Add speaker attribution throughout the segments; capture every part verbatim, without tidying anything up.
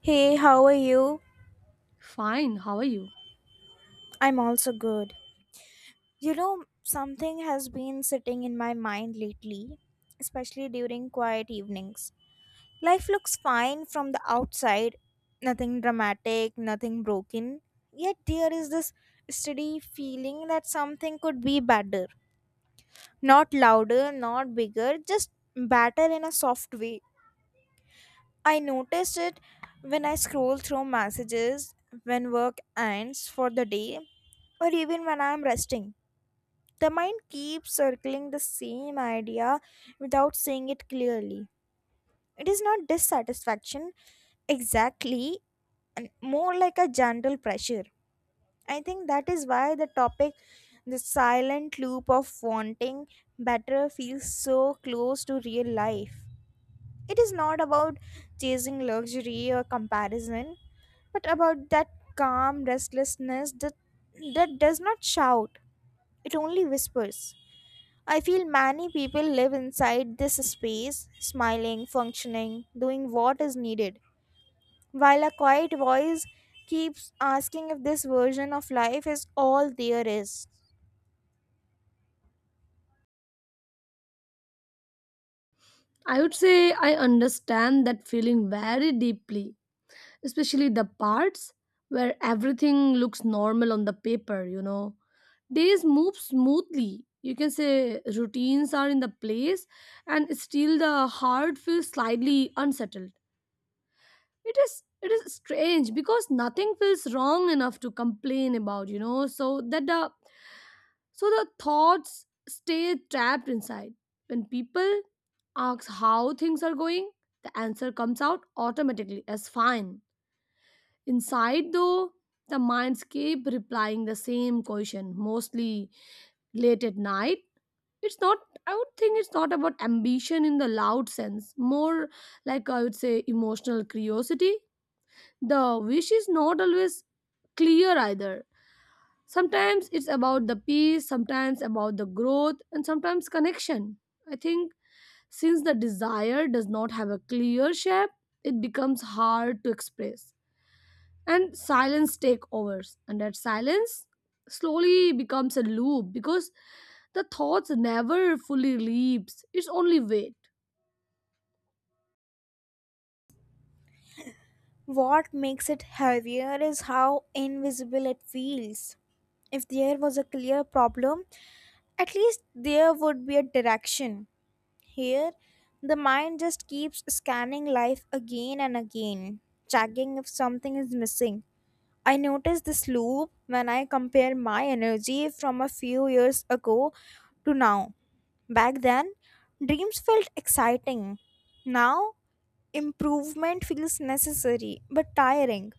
Speaker 1: Hey, how are you?
Speaker 2: Fine, how are you?
Speaker 1: I'm also good. You know, something has been sitting in my mind lately, especially during quiet evenings. Life looks fine from the outside, nothing dramatic, nothing broken. Yet there is this steady feeling that something could be better. Not louder, not bigger, just better in a soft way. I noticed it when I scroll through messages, when work ends for the day, or even when I'm resting. The mind keeps circling the same idea without saying it clearly. It is not dissatisfaction exactly, and more like a gentle pressure. I think that is why the topic, the silent loop of wanting better, feels so close to real life. It is not about chasing luxury or comparison, but about that calm restlessness that, that does not shout, it only whispers. I feel many people live inside this space, smiling, functioning, doing what is needed, while a quiet voice keeps asking if this version of life is all there is.
Speaker 2: I would say I understand that feeling very deeply, especially the parts where everything looks normal on the paper, you know. Days move smoothly. You can say routines are in the place and still the heart feels slightly unsettled. It is it is strange because nothing feels wrong enough to complain about, you know, so that the So the thoughts stay trapped inside. When people ask how things are going, the answer comes out automatically as fine. Inside, though, the minds keep replying the same question, mostly late at night. It's not, I would think it's not about ambition in the loud sense, more like I would say emotional curiosity. The wish is not always clear either. Sometimes it's about the peace, sometimes about the growth, and sometimes connection. I think since the desire does not have a clear shape, it becomes hard to express. And silence take overs. And that silence slowly becomes a loop because the thoughts never fully leaves. It's only wait.
Speaker 1: What makes it heavier is how invisible it feels. If there was a clear problem, at least there would be a direction. Here, the mind just keeps scanning life again and again, checking if something is missing. I noticed this loop when I compare my energy from a few years ago to now. Back then, dreams felt exciting. Now, improvement feels necessary but tiring.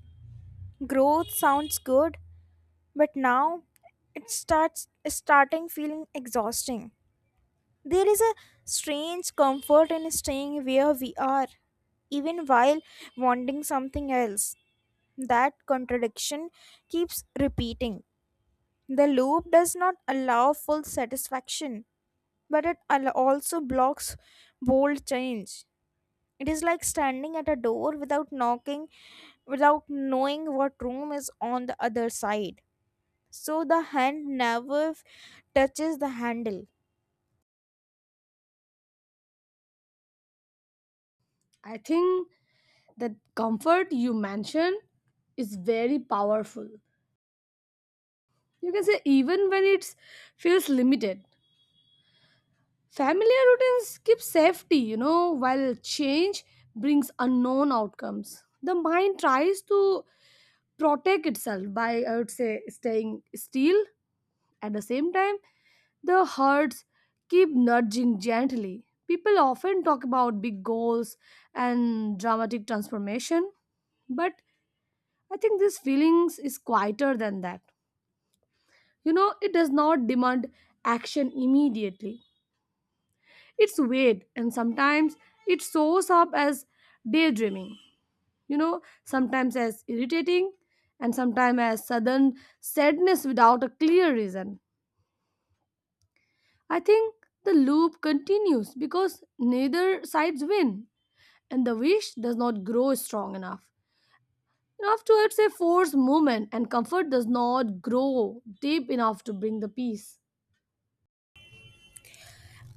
Speaker 1: Growth sounds good, but now it starts starting feeling exhausting. There is a strange comfort in staying where we are, even while wanting something else. That contradiction keeps repeating. The loop does not allow full satisfaction, but it al- also blocks bold change. It is like standing at a door without knocking, without knowing what room is on the other side. So the hand never f- touches the handle.
Speaker 2: I think that comfort you mentioned is very powerful. You can say even when it feels limited. Familiar routines give safety, you know, while change brings unknown outcomes. The mind tries to protect itself by, I would say, staying still. At the same time, the herds keep nudging gently. People often talk about big goals and dramatic transformation, but I think this feelings is quieter than that. You know, it does not demand action immediately. It's weird, and sometimes it shows up as daydreaming, you know, sometimes as irritating, and sometimes as sudden sadness without a clear reason. I think the loop continues because neither sides win, and the wish does not grow strong enough. Enough to, it's a forced movement, and comfort does not grow deep enough to bring the peace.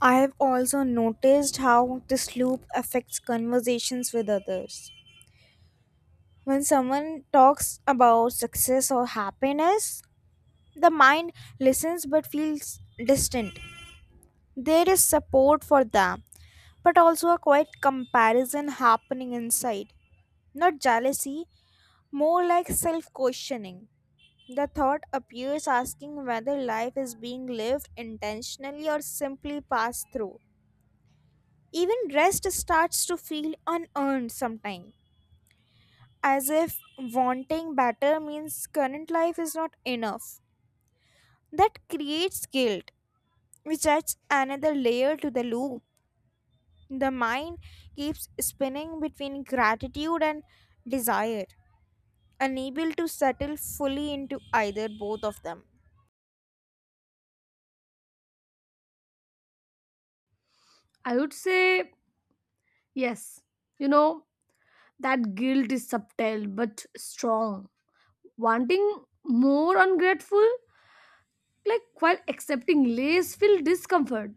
Speaker 1: I have also noticed how this loop affects conversations with others. When someone talks about success or happiness, the mind listens but feels distant. There is support for them, but also a quiet comparison happening inside. Not jealousy, more like self questioning. The thought appears asking whether life is being lived intentionally or simply passed through. Even rest starts to feel unearned sometimes, as if wanting better means current life is not enough. That creates guilt, which adds another layer to the loop. The mind keeps spinning between gratitude and desire, unable to settle fully into either both of them.
Speaker 2: I would say, yes, you know, that guilt is subtle but strong, wanting more ungrateful, like while accepting less feel discomfort,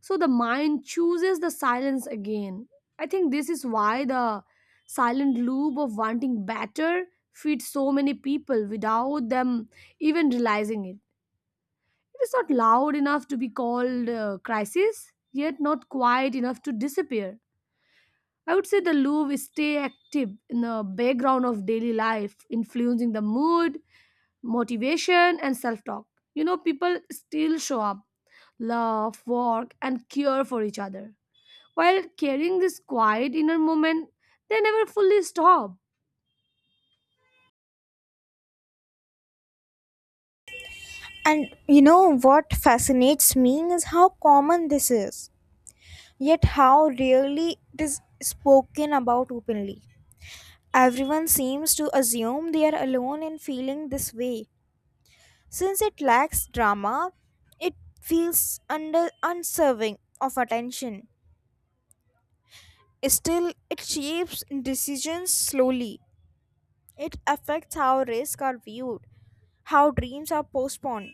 Speaker 2: so the mind chooses the silence again. I think this is why the silent loop of wanting better feeds so many people without them even realizing it. It is not loud enough to be called uh, crisis, yet not quiet enough to disappear. I would say the loop is stay active in the background of daily life, influencing the mood, motivation, and self talk. You know, people still show up, love, work, and care for each other. While carrying this quiet inner moment, they never fully stop.
Speaker 1: And you know what fascinates me is how common this is, yet how rarely it is spoken about openly. Everyone seems to assume they are alone in feeling this way. Since it lacks drama, it feels under unserving of attention. Still, it shapes decisions slowly. It affects how risks are viewed, how dreams are postponed,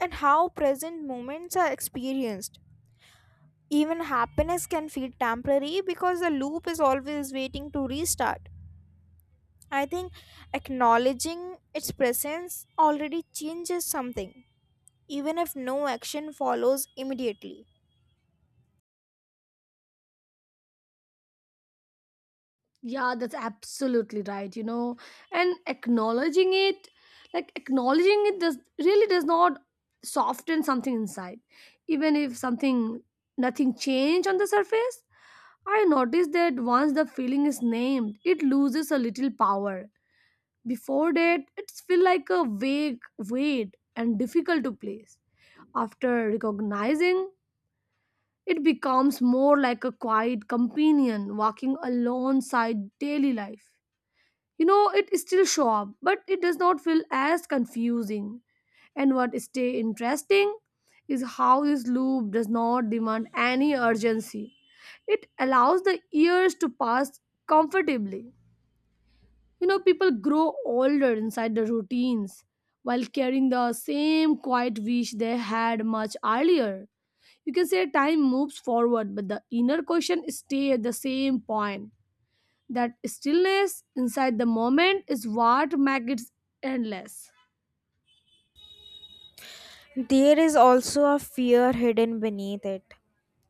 Speaker 1: and how present moments are experienced. Even happiness can feel temporary because the loop is always waiting to restart. I think acknowledging its presence already changes something, even if no action follows immediately.
Speaker 2: Yeah, that's absolutely right, you know. And acknowledging it, like acknowledging it does really does not soften something inside. Even if something nothing changed on the surface, I noticed that once the feeling is named, it loses a little power. Before that, it's feel like a vague weight and difficult to place. After recognizing, it becomes more like a quiet companion walking alongside daily life. You know, it still show up, but it does not feel as confusing. And what stay interesting is how this loop does not demand any urgency. It allows the years to pass comfortably. You know, people grow older inside the routines while carrying the same quiet wish they had much earlier. You can say time moves forward, but the inner question stays at the same point. That stillness inside the moment is what makes it endless.
Speaker 1: There is also a fear hidden beneath it.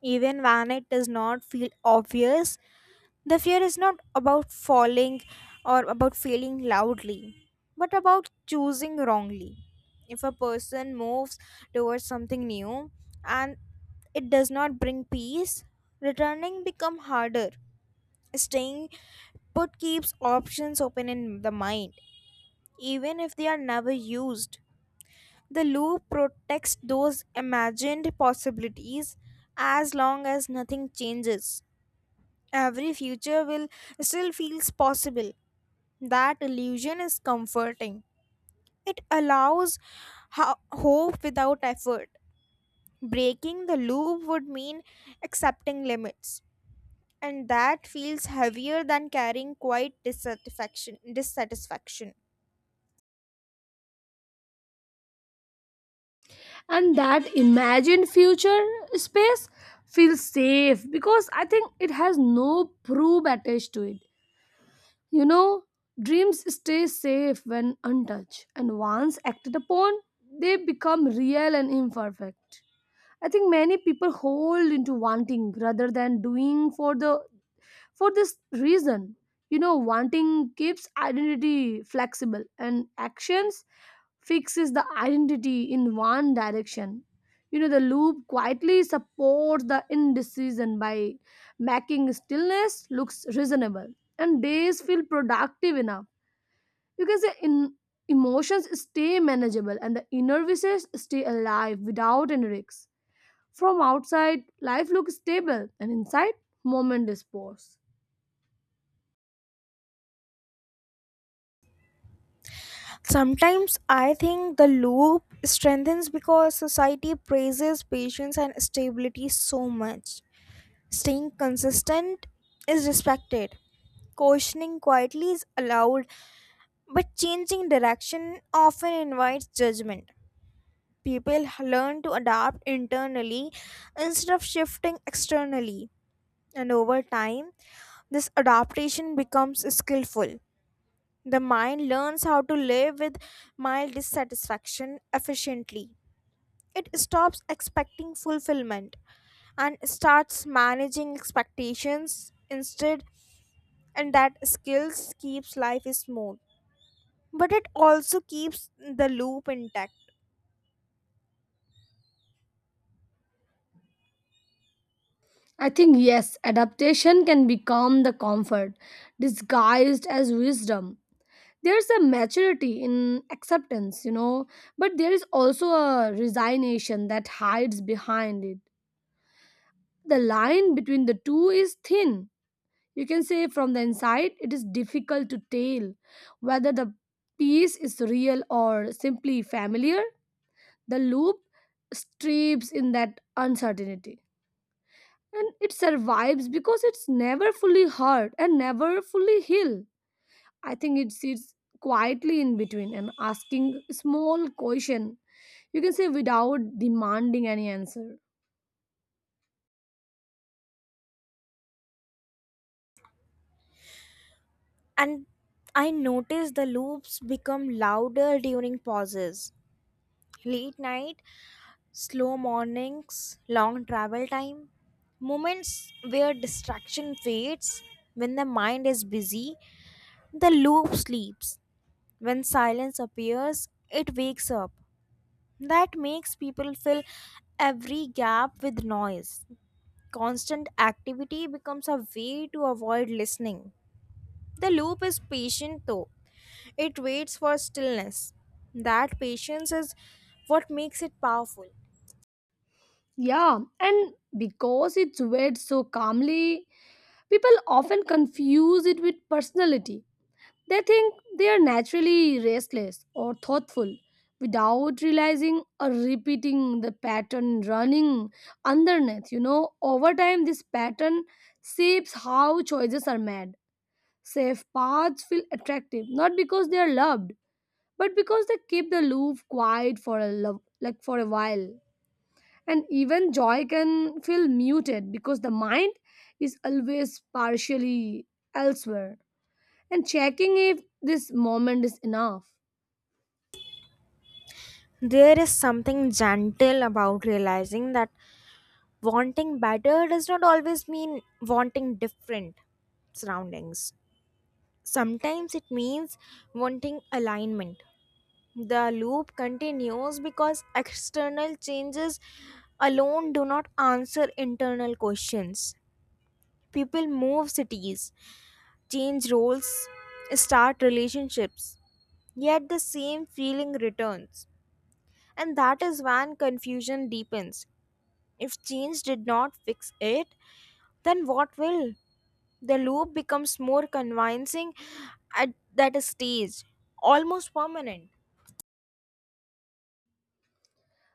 Speaker 1: Even when it does not feel obvious, the fear is not about falling or about failing loudly, but about choosing wrongly. If a person moves towards something new and it does not bring peace, returning become harder. Staying put keeps options open in the mind, even if they are never used. The loop protects those imagined possibilities as long as nothing changes. Every future will still feels possible. That illusion is comforting. It allows ho- hope without effort. Breaking the loop would mean accepting limits, and that feels heavier than carrying quiet dissatisfaction. Dissatisfaction.
Speaker 2: And that imagined future space feels safe because I think it has no proof attached to it. You know, dreams stay safe when untouched, and once acted upon, they become real and imperfect. I think many people hold into wanting rather than doing for the for this reason. You know, wanting keeps identity flexible and actions fixes the identity in one direction. You know, the loop quietly supports the indecision by making stillness looks reasonable and days feel productive enough. You can say in emotions stay manageable and the inner wishes stay alive without any risks. From outside, life looks stable and inside, moment is paused.
Speaker 1: Sometimes I think the loop strengthens because society praises patience and stability so much. Staying consistent is respected, questioning quietly is allowed, but changing direction often invites judgment. People learn to adapt internally instead of shifting externally, and over time, this adaptation becomes skillful. The mind learns how to live with mild dissatisfaction efficiently. It stops expecting fulfillment and starts managing expectations instead, and that skills keeps life smooth. But it also keeps the loop intact.
Speaker 2: I think yes, adaptation can become the comfort disguised as wisdom. There's a maturity in acceptance, you know, but there is also a resignation that hides behind it. The line between the two is thin. You can say from the inside it is difficult to tell whether the piece is real or simply familiar. The loop strips in that uncertainty and it survives because it's never fully hurt and never fully healed. I think it sits quietly in between and asking small question. You can say without demanding any answer.
Speaker 1: And I notice the loops become louder during pauses. Late night slow mornings, long travel time, moments where distraction fades. When the mind is busy, the loop sleeps. When silence appears, it wakes up. That makes people fill every gap with noise. Constant activity becomes a way to avoid listening. The loop is patient though, it waits for stillness. That patience is what makes it powerful.
Speaker 2: Yeah, and because it's read so calmly, people often confuse it with personality. They think they are naturally restless or thoughtful without realizing or repeating the pattern running underneath. You know, over time, this pattern shapes how choices are made. Safe paths feel attractive not because they are loved, but because they keep the loop quiet for a love, like for a while. And even joy can feel muted because the mind is always partially elsewhere and checking if this moment is enough.
Speaker 1: There is something gentle about realizing that wanting better does not always mean wanting different surroundings. Sometimes it means wanting alignment. The loop continues because external changes alone do not answer internal questions. People move cities, change roles, start relationships, yet the same feeling returns. And that is when confusion deepens. If genes did not fix it, then what will? The loop becomes more convincing at that stage, almost permanent.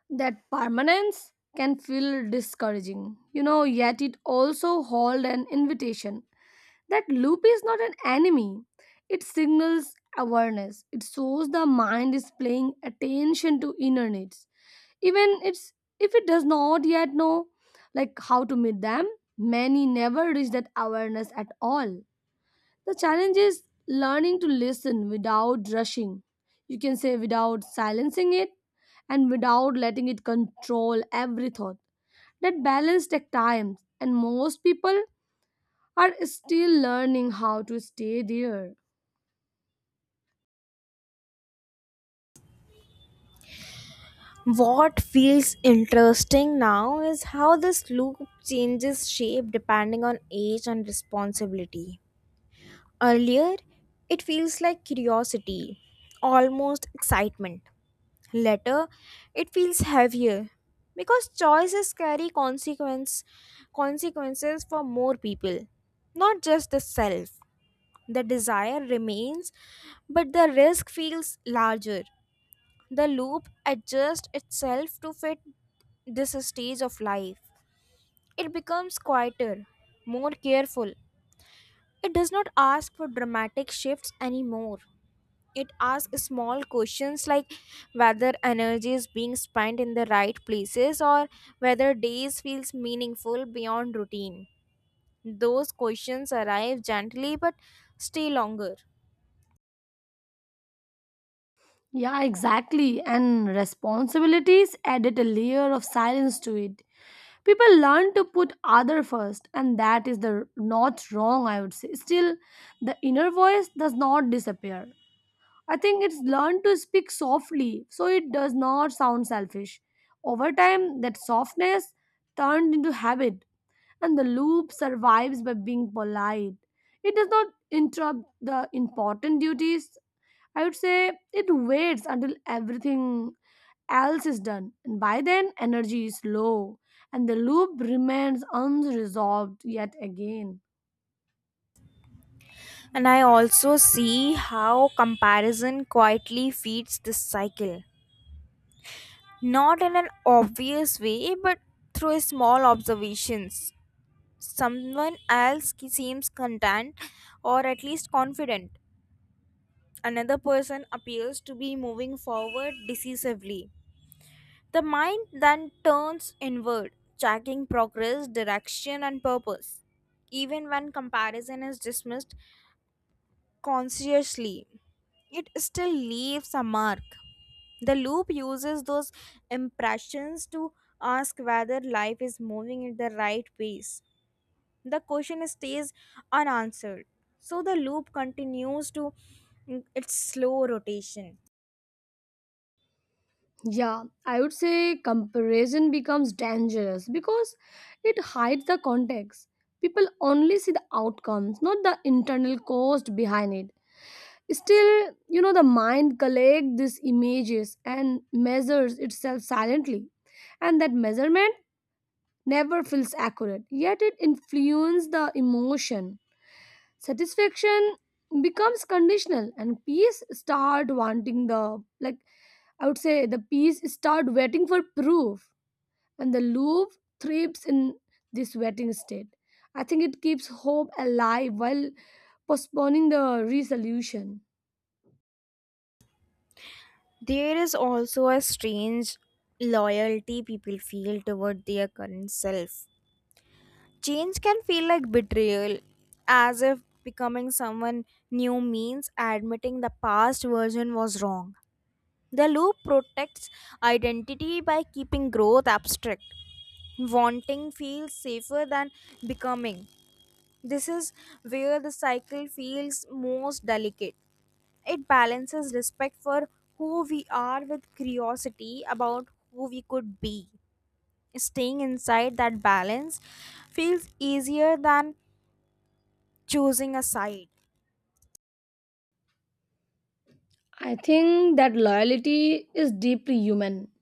Speaker 2: That permanence can feel discouraging, you know, yet it also hold an invitation. That loop is not an enemy. It signals awareness. It shows the mind is paying attention to inner needs. Even it's if it does not yet know like how to meet them, many never reach that awareness at all. The challenge is learning to listen without rushing. You can say without silencing it and without letting it control every thought. That balance takes time and most people are still learning how to stay there.
Speaker 1: What feels interesting now is how this loop changes shape depending on age and responsibility. Earlier, it feels like curiosity, almost excitement. Later, it feels heavier because choices carry consequence consequences for more people, not just the self. The desire remains, but the risk feels larger. The loop adjusts itself to fit this stage of life. It becomes quieter, more careful. It does not ask for dramatic shifts anymore. It asks small questions like whether energy is being spent in the right places or whether days feels meaningful beyond routine. Those questions arrive gently but stay longer.
Speaker 2: Yeah, exactly. And responsibilities added a layer of silence to it. People learn to put other first, and that is the not wrong, I would say. Still, the inner voice does not disappear. I think it's learned to speak softly, so it does not sound selfish. Over time, that softness turned into habit and the loop survives by being polite. It does not interrupt the important duties. I would say it waits until everything else is done, and by then energy is low, and the loop remains unresolved yet again.
Speaker 1: And I also see how comparison quietly feeds this cycle. Not in an obvious way, but through small observations. Someone else ki- seems content or at least confident. Another person appears to be moving forward decisively. The mind then turns inward, tracking progress, direction, and purpose. Even when comparison is dismissed consciously, it still leaves a mark. The loop uses those impressions to ask whether life is moving at the right pace. The question stays unanswered. So the loop continues to its slow rotation.
Speaker 2: Yeah, I would say comparison becomes dangerous because it hides the context. People only see the outcomes, not the internal cost behind it. Still, you know, the mind collects these images and measures itself silently, and that measurement never feels accurate, yet it influences the emotion. Satisfaction becomes conditional, and peace start wanting the like I would say the peace start waiting for proof, and the loop thrives in this waiting state. I think it keeps hope alive while postponing the resolution.
Speaker 1: There is also a strange loyalty people feel toward their current self. Change can feel like betrayal, as if becoming someone new means admitting the past version was wrong. The loop protects identity by keeping growth abstract. Wanting feels safer than becoming. This is where the cycle feels most delicate. It balances respect for who we are with curiosity about who we could be. Staying inside that balance feels easier than choosing a side.
Speaker 2: I think that loyalty is deeply human.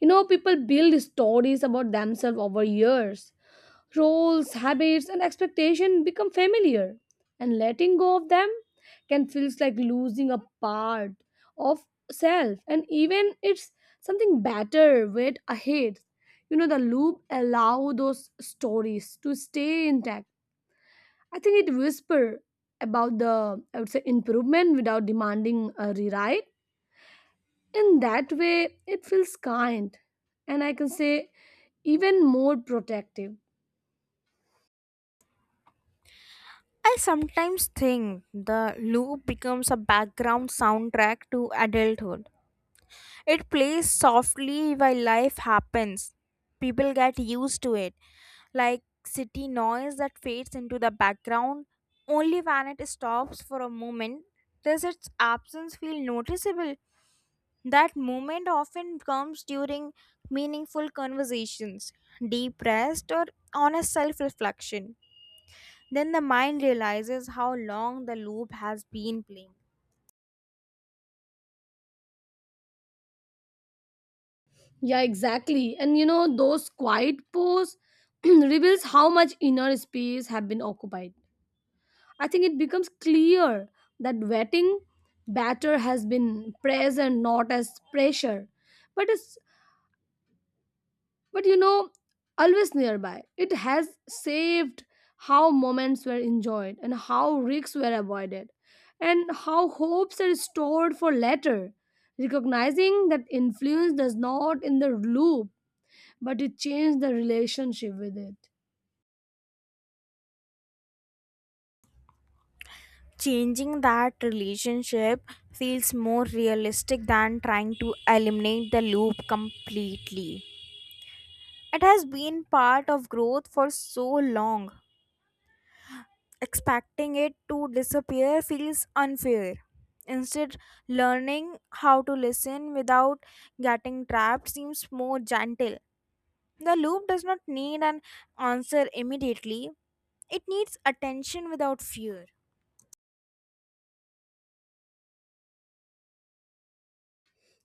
Speaker 2: You know, people build stories about themselves over years. Roles, habits, and expectations become familiar, and letting go of them can feel like losing a part of self. And even it's something better wait ahead. You know, the loop allow those stories to stay intact. I think it whisper about the I would say improvement without demanding a rewrite. In that way, it feels kind and I can say even more protective.
Speaker 1: I sometimes think the loop becomes a background soundtrack to adulthood. It plays softly while life happens. People get used to it, like city noise that fades into the background only when it stops for a moment. Does its absence feel noticeable? That moment often comes during meaningful conversations, deep rest, or honest self reflection. Then the mind realizes how long the loop has been playing.
Speaker 2: Yeah, exactly. And you know, those quiet pose reveals how much inner space have been occupied. I think it becomes clear that wetting batter has been present not as pressure but as but you know always nearby. It has saved how moments were enjoyed and how risks were avoided and how hopes are stored for later. Recognizing that influence does not in the loop, but it changed the relationship with it.
Speaker 1: Changing that relationship feels more realistic than trying to eliminate the loop completely. It has been part of growth for so long. Expecting it to disappear feels unfair. Instead, learning how to listen without getting trapped seems more gentle. The loop does not need an answer immediately, it needs attention without fear.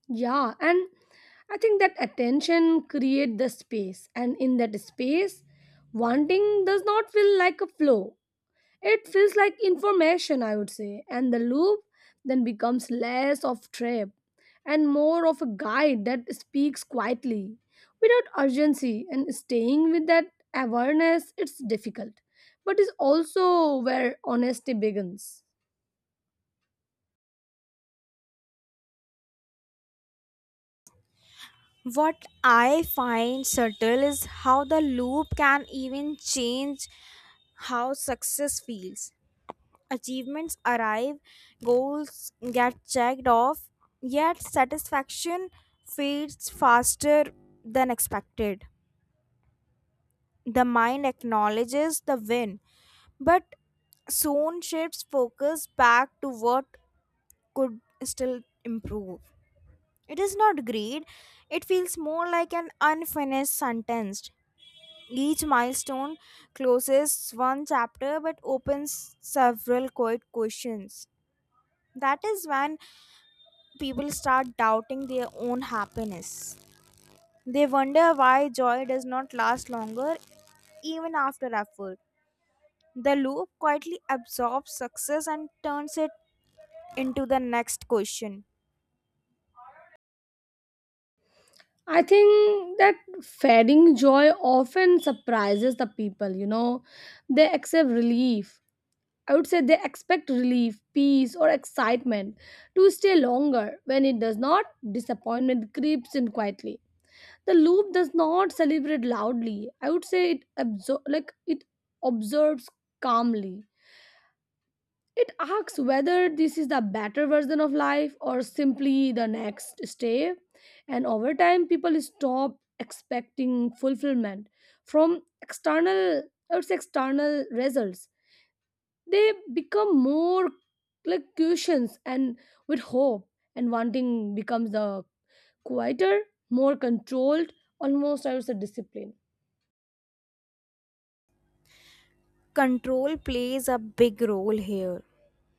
Speaker 2: Yeah, and I think that attention create the space, and in that space wanting does not feel like a flow. It feels like information, I would say, and the loop then becomes less of trap and more of a guide that speaks quietly without urgency. And staying with that awareness it's difficult, but is also where honesty begins.
Speaker 1: What I find subtle is how the loop can even change how success feels. Achievements arrive, goals get checked off, yet satisfaction fades faster than expected. The mind acknowledges the win, but soon shifts focus back to what could still improve. It is not greed, it feels more like an unfinished sentence. Each milestone closes one chapter but opens several quiet questions. That is when people start doubting their own happiness. They wonder why joy does not last longer even after effort. The loop quietly absorbs success and turns it into the next question.
Speaker 2: I think that fading joy often surprises the people, you know. They accept relief, I would say they expect relief, peace, or excitement to stay longer. When it does not, disappointment creeps in quietly. The loop does not celebrate loudly. I would say it absor- like it observes calmly. It asks whether this is the better version of life or simply the next step. And over time, people stop expecting fulfillment from external, I would say external results. They become more like cushions and with hope, and wanting becomes the quieter, more controlled, almost I would say discipline.
Speaker 1: Control plays a big role here.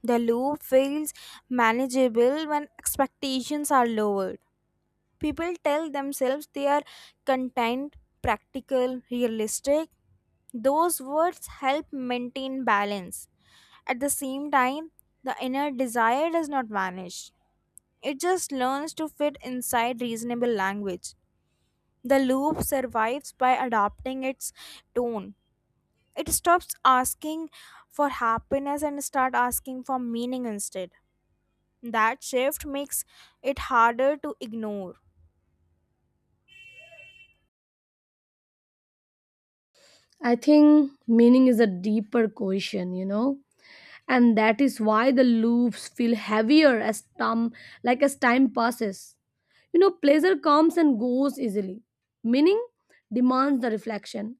Speaker 1: The loop feels manageable when expectations are lowered. People tell themselves they are content, practical, realistic. Those words help maintain balance. At the same time, the inner desire does not vanish, it just learns to fit inside reasonable language. The loop survives by adopting its tone. It stops asking for happiness and start asking for meaning instead. That shift makes it harder to ignore.
Speaker 2: I think meaning is a deeper question, you know, and that is why the loops feel heavier as time like as time passes. You know, pleasure comes and goes easily. Meaning demands the reflection,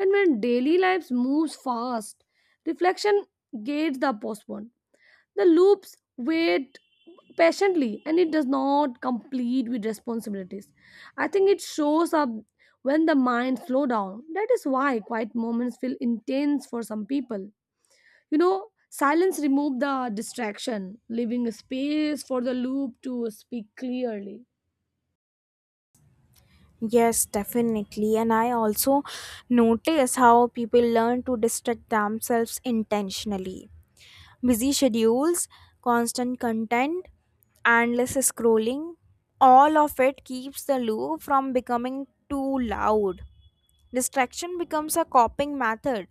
Speaker 2: and when daily lives moves fast, reflection gets the postponed. The loops wait patiently and it does not complete with responsibilities. I think it shows up when the mind slow down. That is why quiet moments feel intense for some people. You know, silence remove the distraction, leaving a space for the loop to speak clearly.
Speaker 1: Yes, definitely. And I also notice how people learn to distract themselves intentionally. Busy schedules, constant content, endless scrolling, all of it keeps the loop from becoming too loud. Distraction becomes a coping method,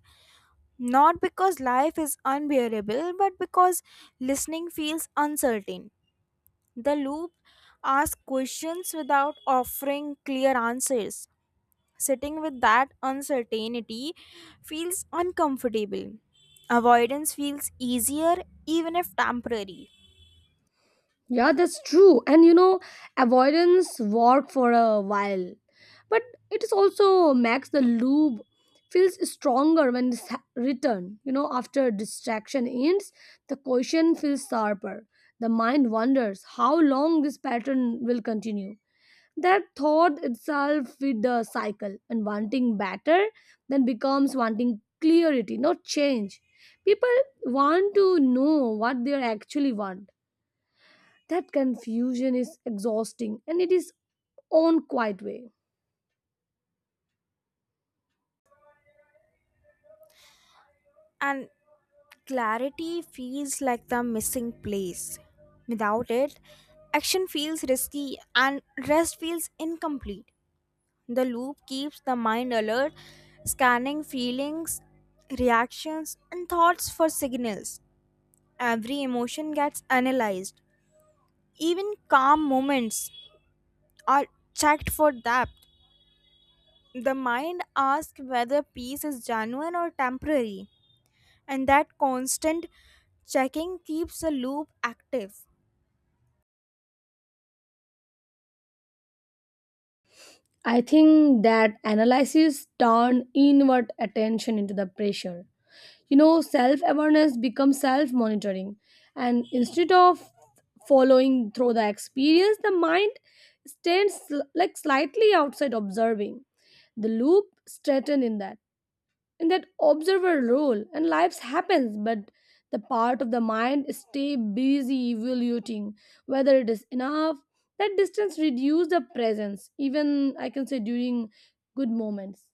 Speaker 1: not because life is unbearable, but because listening feels uncertain. The loop asks questions without offering clear answers. Sitting with that uncertainty feels uncomfortable. Avoidance feels easier, even if temporary.
Speaker 2: Yeah, that's true. And you know, avoidance worked for a while, but it is also makes the lube feels stronger when it's ha- returned. You know, after distraction ends, the question feels sharper. The mind wonders how long this pattern will continue. That thought itself with the cycle and wanting better then becomes wanting clarity, not change. People want to know what they actually want. That confusion is exhausting and it is own quiet way.
Speaker 1: And clarity feels like the missing place. Without it, action feels risky and rest feels incomplete. The loop keeps the mind alert, scanning feelings, reactions, and thoughts for signals. Every emotion gets analyzed. Even calm moments are checked for depth. The mind asks whether peace is genuine or temporary, and that constant checking keeps the loop active.
Speaker 2: I think that analysis turn inward attention into the pressure. You know, self awareness becomes self monitoring, and instead of following through the experience, the mind stands like slightly outside observing. The loop straightened in that. in that observer role, and lives happens, but the part of the mind stay busy evaluating whether it is enough. That distance reduce the presence, even I can say during good moments.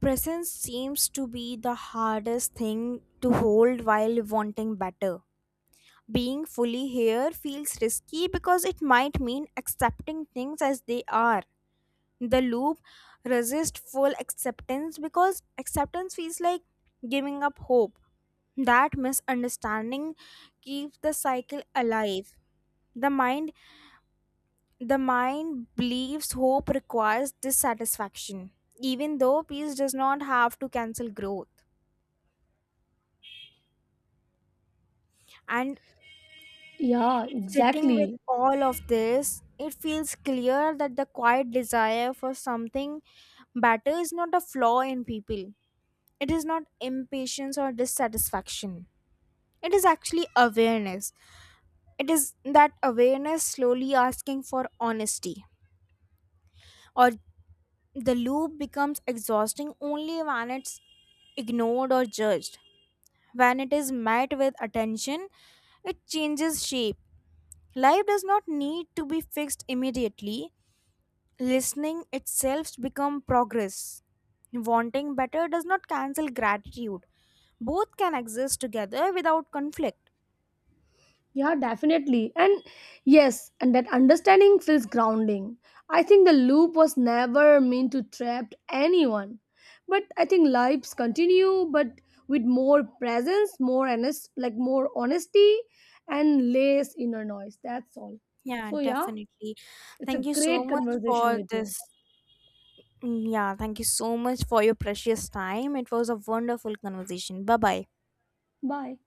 Speaker 1: Presence seems to be the hardest thing to hold while wanting better. Being fully here feels risky because it might mean accepting things as they are. The loop resists full acceptance because acceptance feels like giving up hope. That misunderstanding keeps the cycle alive. The mind the mind believes hope requires dissatisfaction, even though peace does not have to cancel growth. And
Speaker 2: Yeah,
Speaker 1: sitting with
Speaker 2: exactly.
Speaker 1: all of this, it feels clear that the quiet desire for something better is not a flaw in people. It is not impatience or dissatisfaction. It is actually awareness. It is that awareness slowly asking for honesty. Or the loop becomes exhausting only when it's ignored or judged. When it is met with attention, it changes shape. Life does not need to be fixed immediately. Listening itself becomes progress. Wanting better does not cancel gratitude. Both can exist together without conflict.
Speaker 2: Yeah, definitely. And yes, and that understanding feels grounding. I think the loop was never meant to trap anyone. But I think lives continue, but with more presence, more honest, like more honesty, and less inner noise. That's all.
Speaker 1: Yeah,
Speaker 2: So, yeah,
Speaker 1: definitely.
Speaker 2: it's a
Speaker 1: Thank you so
Speaker 2: great
Speaker 1: much
Speaker 2: conversation
Speaker 1: for
Speaker 2: with you.
Speaker 1: this. mm, Yeah, thank you so much for your precious time. It was a wonderful conversation. Bye bye.
Speaker 2: Bye.